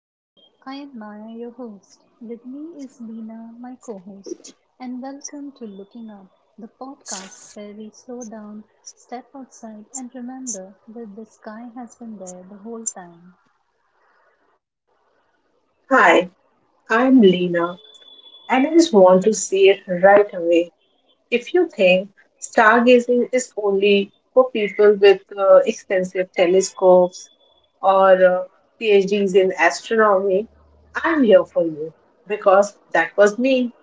Hello, I am Maya, your host. With me is Dina, my co host, and welcome to Looking Up, the podcast where we slow down, step outside, and remember that the sky has been there the whole time Hi, I'm Lena, and I just want to say it right away. If you think stargazing is only for people with expensive telescopes or PhDs in astronomy, I'm here for you because that was me.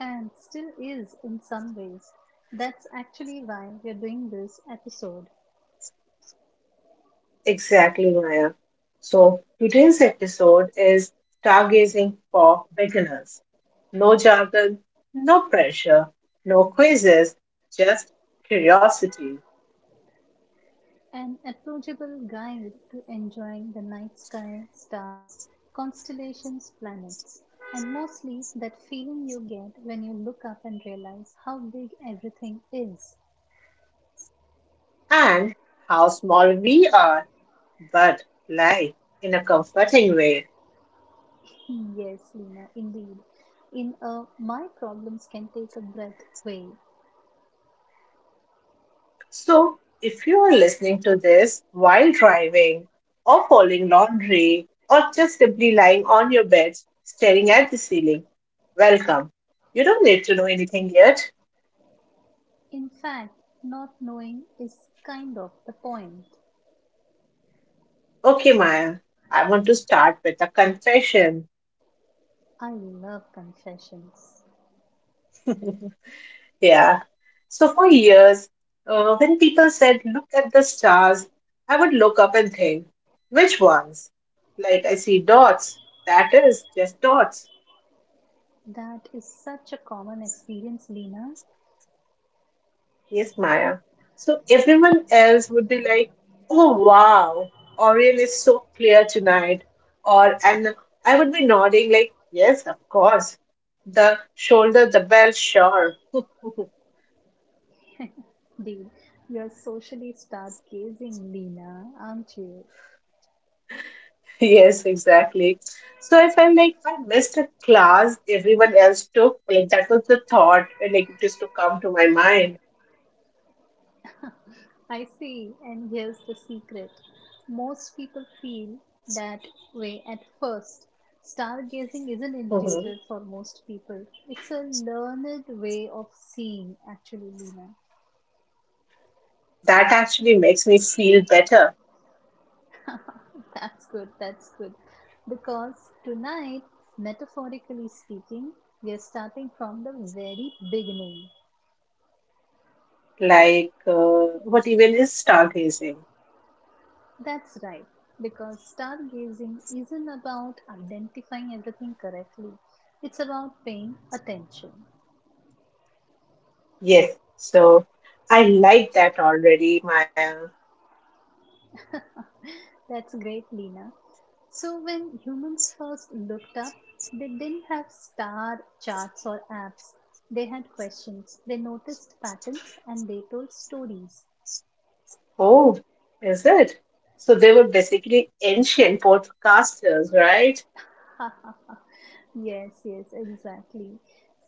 and still is in some ways. That's actually why we're doing this episode. Exactly, Maya. So, today's episode is stargazing for beginners. No jargon, no pressure, no quizzes, just curiosity. An approachable guide to enjoying the night sky, stars, constellations, planets, and mostly that feeling you get when you look up and realize how big everything is. And how small we are, but light in a comforting way. Yes, Lena, indeed. In a my problems can take a breath way. So, if you are listening to this while driving or folding laundry or just simply lying on your bed staring at the ceiling, welcome. You don't need to know anything yet. In fact, not knowing is kind of the point. Okay, Maya, I want to start with a confession. I love confessions. Yeah. So for years, when people said, look at the stars, I would look up and think, which ones? Like, I see dots. That is just dots. That is such a common experience, Lena. Yes, Maya. So everyone else would be like, oh, wow, Orion is so clear tonight. Or, and I would be nodding, like, yes, of course. The shoulder, the bell, sure. Dude, you're socially stargazing, Lena, aren't you? Yes, exactly. So I felt like I missed a class everyone else took. Like that was the thought, like it used to come to my mind. I see, and here's the secret. Most people feel that way at first. Stargazing isn't Mhm. intuitive for most people. It's a learned way of seeing, actually, Lena. That actually makes me feel better. That's good, that's good. Because tonight, metaphorically speaking, we are starting from the very beginning. Like what even is stargazing? That's right, because stargazing isn't about identifying everything correctly, it's about paying attention. Yes. So I like that already, Maya. That's great, Lena. So, when humans first looked up, they didn't have star charts or apps. They had questions, they noticed patterns, and they told stories. Oh, is it? So they were basically ancient podcasters, right? Yes, yes, exactly.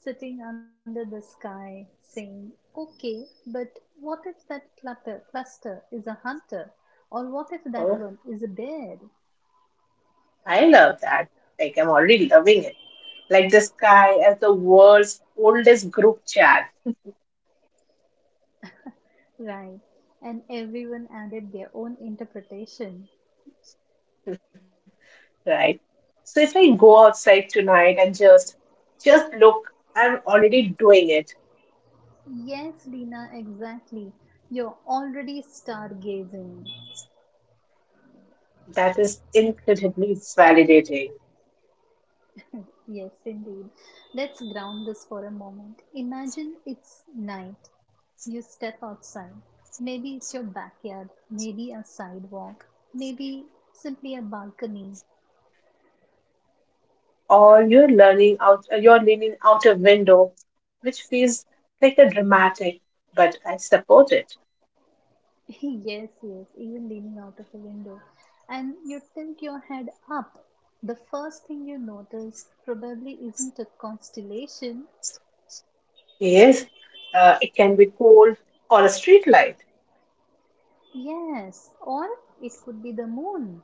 Sitting under the sky saying, okay, but what if that cluster is a hunter? Or what if that Oh, one is a bear? I love that. Like I'm already loving it, like the sky as the world's oldest group chat, Right. And everyone added their own interpretation. right? So if I go outside tonight and just look, I'm already doing it. Yes, Lina, exactly. You're already stargazing. That is incredibly validating. Yes, indeed. Let's ground this for a moment. Imagine it's night. You step outside. Maybe it's your backyard, maybe a sidewalk, maybe simply a balcony. Or you're learning out, you're leaning out a window, which feels like a dramatic, but I support it. Yes, yes, even leaning out of a window. And you tilt your head up. The first thing you notice probably isn't a constellation. Yes, it can be cold or a street light. Yes, or it could be the moon.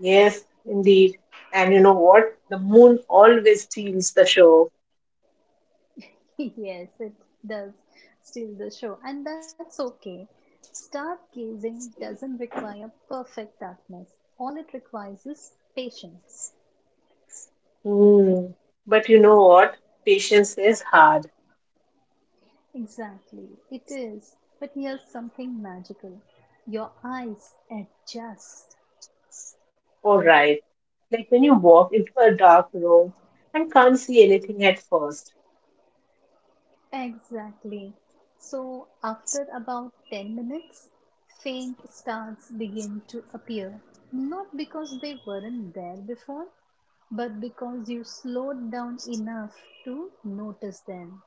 Yes, indeed. And you know what? The moon always steals the show. Yes, it does steal the show, and that's okay. Stargazing doesn't require perfect darkness, all it requires is patience. Hmm. But you know what? Patience is hard. Exactly, it is. But here's something magical, your eyes adjust. All right. Like when you walk into a dark room and can't see anything at first. Exactly. So, after about 10 minutes, faint stars begin to appear. Not because they weren't there before, but because you slowed down enough to notice them.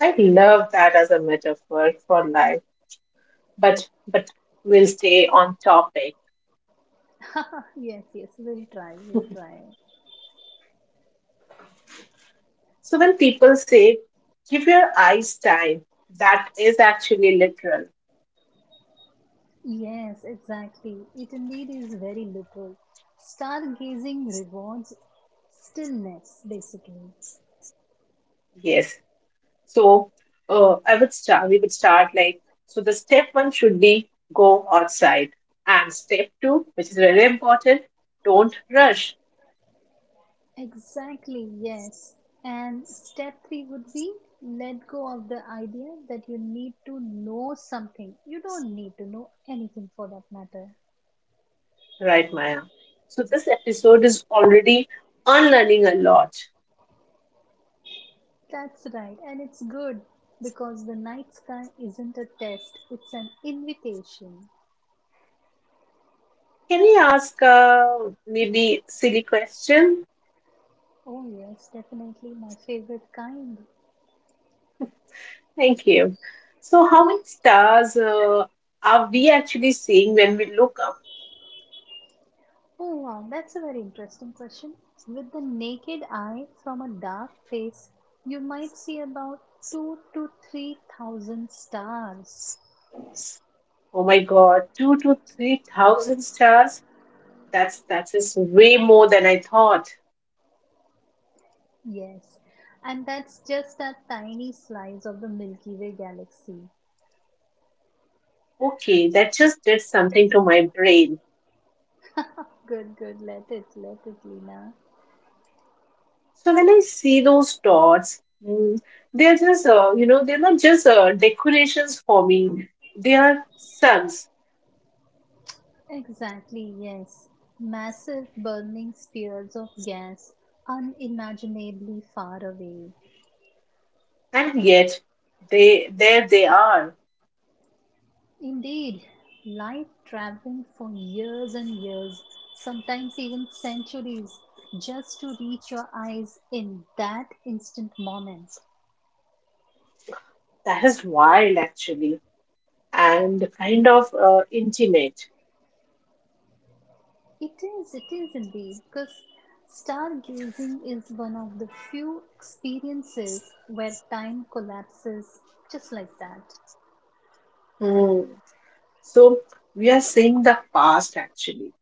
I love that as a metaphor for life. But we'll stay on topic. Yes, yes, we'll try, we'll try. So when people say give your eyes time, that is actually literal. Yes, exactly. It indeed is very literal. Stargazing rewards stillness, basically. Yes. So I would start. We would start like so. The step one should be go outside, and step two, which is very important, don't rush. Exactly, yes. And step three would be let go of the idea that you need to know something. You don't need to know anything for that matter. Right, Maya. So this episode is already unlearning a lot. That's right, and it's good because the night sky isn't a test, it's an invitation. Can I ask maybe silly question? Oh, yes, definitely my favorite kind. Thank you. So how many stars are we actually seeing when we look up? Oh, wow, that's a very interesting question. With the naked eye from a dark place, you might see about two to three thousand stars. Oh my God, 2 to 3 thousand stars. That is way more than I thought. Yes, and that's just a tiny slice of the Milky Way galaxy. Okay, that just did something to my brain. Good, good, let it, Lina. So when I see those dots, they're just you know, they're not just decorations for me. They are suns, Exactly, yes. Massive burning spheres of gas, unimaginably far away. and yet they there they are. Indeed, light traveling for years and years, sometimes even centuries, just to reach your eyes in that instant moment. That is wild, actually, and kind of intimate. It is indeed, because stargazing is one of the few experiences where time collapses just like that. Mm. So we are seeing the past, actually.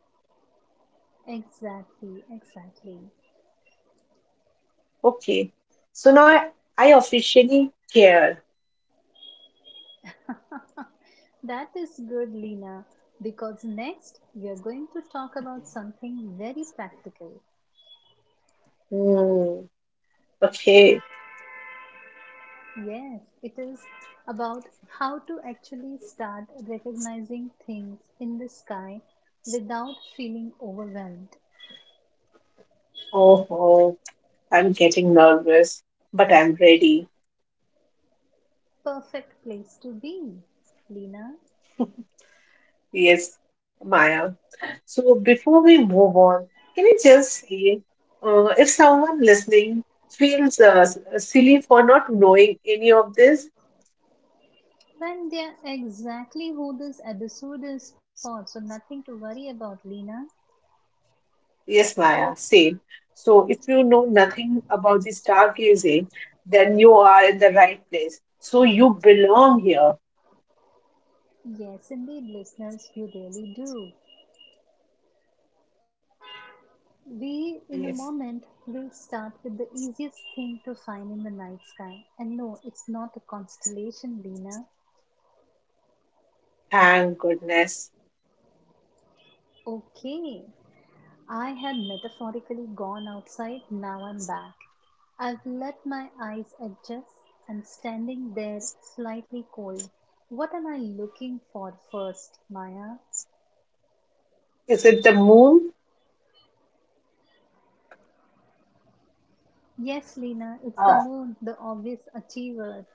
Exactly, exactly. Okay, so now I officially care. That is good, Lena, because next we are going to talk about something very practical. Hmm. Okay. Yes, it is about how to actually start recognizing things in the sky without feeling overwhelmed. Oh, oh, I'm getting nervous, but I'm ready. Perfect place to be, Lena. Yes, Maya. So before we move on, can you just say if someone listening feels silly for not knowing any of this? Well, they are exactly who this episode is for, so nothing to worry about, Lena. Yes, Maya, same. So if you know nothing about the stargazing, then you are in the right place. So you belong here. Yes, indeed, listeners, you really do. We, in a Yes, moment, will start with the easiest thing to find in the night sky. And no, it's not a constellation, Lena. thank goodness. Okay, I had metaphorically gone outside, now I'm back. I've let my eyes adjust and standing there, slightly cold. What am I looking for first, Maya? Is it the moon? Yes, Lena, it's the Uh, moon, the obvious achiever.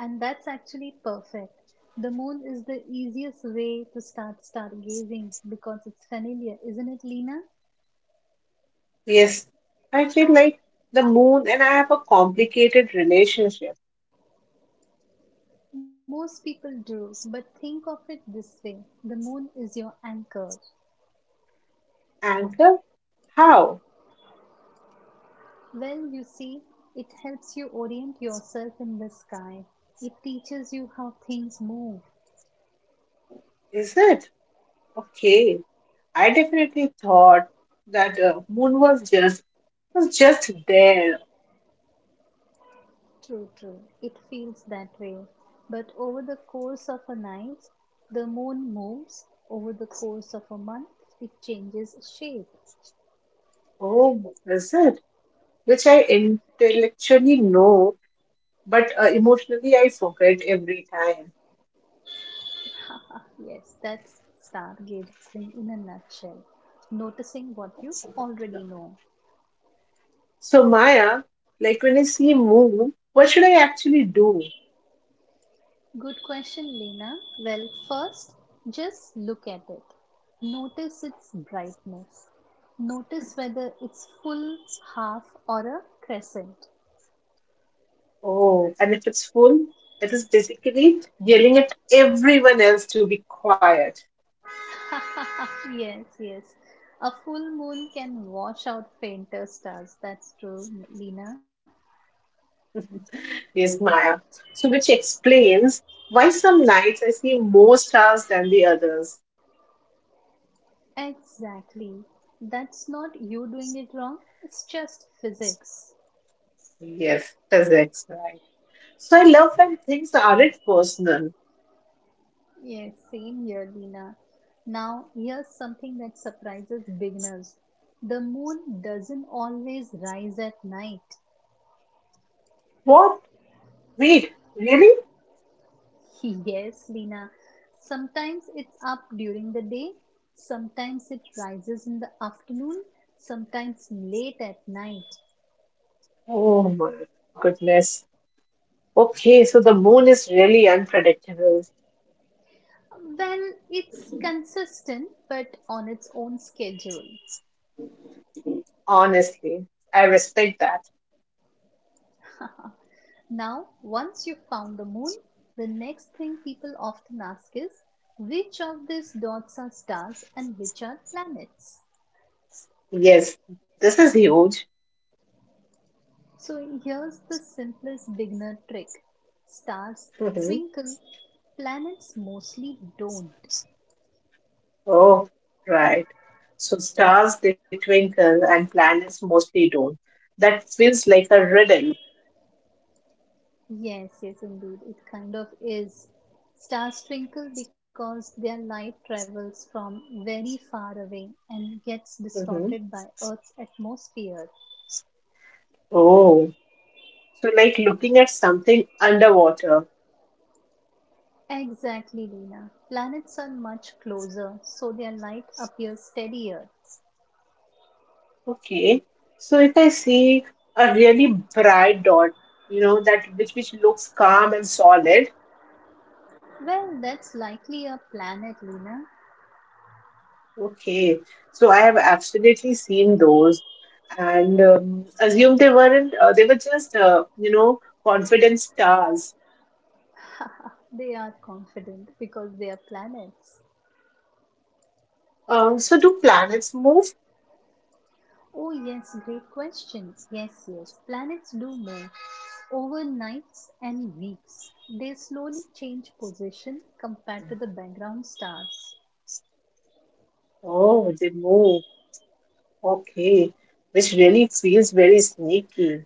And that's actually perfect. The moon is the easiest way to start stargazing because it's familiar, isn't it, Lena? Yes, I feel like the moon and I have a complicated relationship. Most people do, but think of it this way, the moon is your anchor. Anchor? How? Well, you see, it helps you orient yourself in the sky, it teaches you how things move. Is it? Okay. I definitely thought that moon was just there. True, true, it feels that way. But over the course of a night, the moon moves, over the course of a month, it changes shape. Oh, is it? Which I intellectually know, but emotionally I forget every time. Haha, yes, that's stargazing in a nutshell. Noticing what you already know. So Maya, like when I see moon, what should I actually do? Good question, Lena. Well, first, just look at it. Notice its brightness. Notice whether it's full, half, or a crescent. Oh, and if it's full, it is basically yelling at everyone else to be quiet. Yes, yes. A full moon can wash out fainter stars. That's true, Lena. Yes, Maya. So, which explains why some nights I see more stars than the others. Exactly. That's not you doing it wrong, it's just physics. Yes, physics, right? So, I love when things aren't personal. Yes, same here, Lina. Now, here's something that surprises beginners. The moon doesn't always rise at night. What? Wait, really? Yes, Lina. Sometimes it's up during the day, sometimes it rises in the afternoon, sometimes late at night. Oh my goodness. Okay, so the moon is really unpredictable. Well, it's consistent, but on its own schedule. Honestly, I respect that. Now, once you've found the moon, the next thing people often ask is, which of these dots are stars and which are planets? Yes, this is huge. So, here's the simplest beginner trick, stars twinkle, planets mostly don't. Oh, right. So stars they twinkle and planets mostly don't. That feels like a riddle. Yes, yes, indeed, it kind of is. Stars twinkle because their light travels from very far away and gets Hmm. distorted by Earth's atmosphere. Oh, so like looking at something underwater. Exactly, Lena. Planets are much closer, so their light appears steadier. Okay. So if I see a really bright dot, you know, that which looks calm and solid. Well, that's likely a planet, Lena. Okay. So I have absolutely seen those and assume they weren't. They were just, you know, confident stars. They are confident because they are planets. So do planets move? Oh, yes, great question. Yes, yes, planets do move over nights and weeks. They slowly change position compared to the background stars. Oh, they move. Okay. Which really feels very sneaky.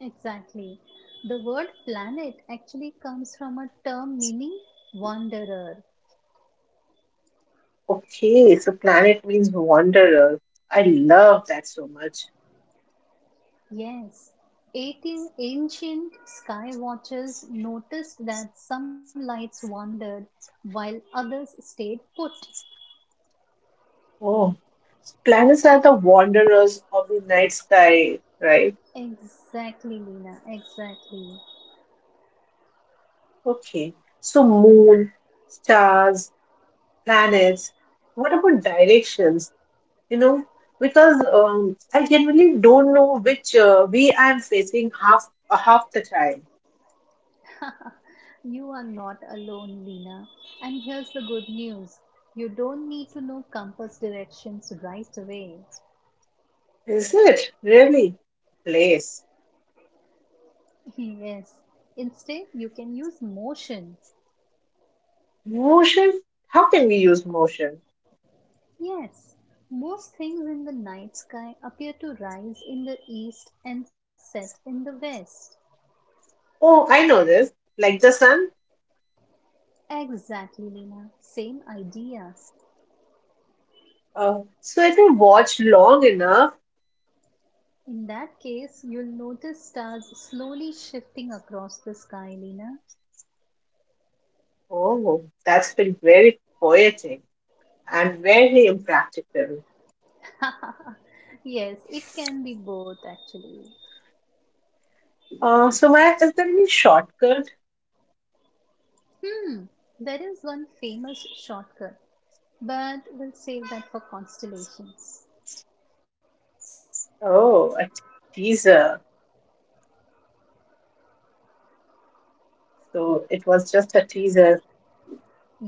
Exactly. The word planet actually comes from a term meaning wanderer. Okay, so planet means wanderer. I love that so much. Yes. 18 ancient sky watchers noticed that some lights wandered while others stayed put. Oh, planets are the wanderers of the night sky, right? Exactly, Lena. Exactly. Okay. So moon, stars, planets. What about directions? You know, because I generally don't know which way I'm facing half the time. You are not alone, Lena. And here's the good news, you don't need to know compass directions right away. Is it really place? Yes. Instead, you can use motion. Motions? How can we use motion? Yes, most things in the night sky appear to rise in the east and set in the west. Oh, I know this. Like the sun. Exactly, Lena. Same idea. So if you watch long enough, In that case, you'll notice stars slowly shifting across the sky, Lena. oh, that's been very poetic and very impractical. Yes, it can be both actually. So my, is there any shortcut? Hmm, there is one famous shortcut, but we'll save that for constellations. Oh, a teaser. So it was just a teaser.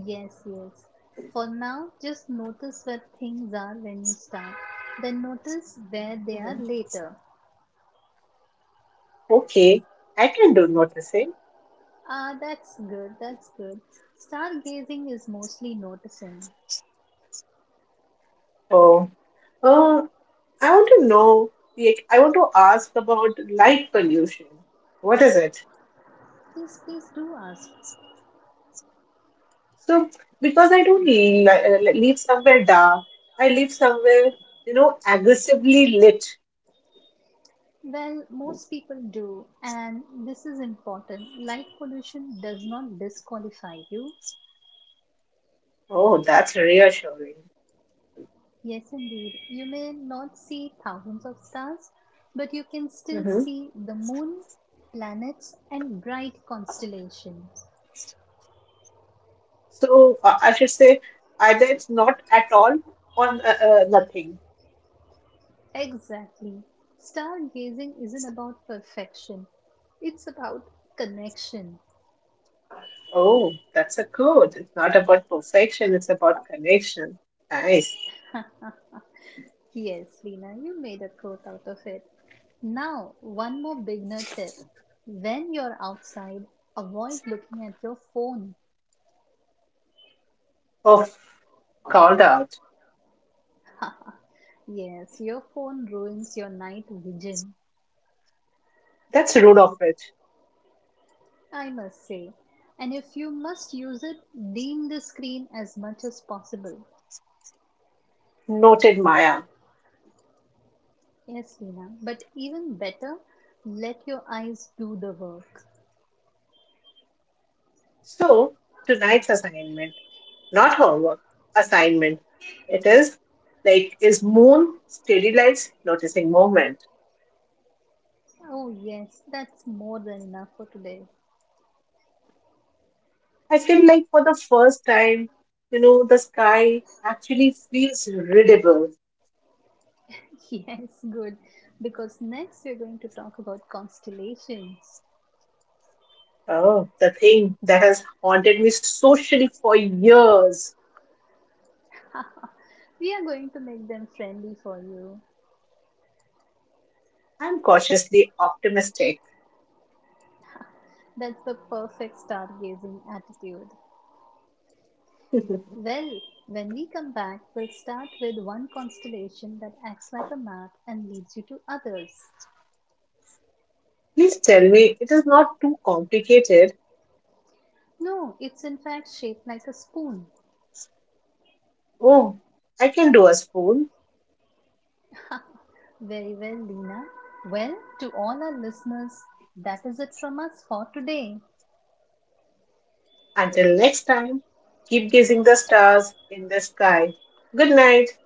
Yes, yes. For now, just notice where things are when you start, then notice where they are Mhm. later. Okay, I can do noticing. Ah, that's good, that's good. Stargazing is mostly noticing. Oh, uh, I want to know, like, I want to ask about light pollution. What is it? Yes, please do ask. So, because I don't live somewhere dark, I live somewhere, you know, aggressively lit. Well, most people do, and this is important. Light pollution does not disqualify you. Oh, that's reassuring. Yes, indeed. You may not see thousands of stars, but you can still Hmm. see the moon, planets, and bright constellations. So, I should say either it's not at all or nothing. Exactly. Stargazing isn't about perfection, it's about connection. Oh, that's a code. It's not about perfection, it's about connection. Nice. Yes, Lena, you made a quote out of it. Now, one more beginner tip. When you're outside, avoid looking at your phone. Oh, called out. Yes, your phone ruins your night vision, That's rude of it. I must say. And if you must use it, dim the screen as much as possible. Noted, Maya. Yes, Hina. But even better, let your eyes do the work. So, tonight's assignment, not homework, assignment. It is like is moon steady lights noticing movement. Oh, yes, that's more than enough for today. I feel like for the first time, you know, the sky actually feels readable. Yes, good. Because next we're going to talk about constellations. Oh, the thing that has haunted me socially for years. We are going to make them friendly for you. I'm cautiously optimistic. That's the perfect stargazing attitude. Please Well, when we come back, we'll start with one constellation that acts like a map and leads you to others. tell me it is not too complicated. No, it's in fact shaped like a spoon. Oh, I can do a spoon. Very well, Lina. Well, to all our listeners, that is it from us for today. Until next time, keep gazing the stars in the sky. Good night.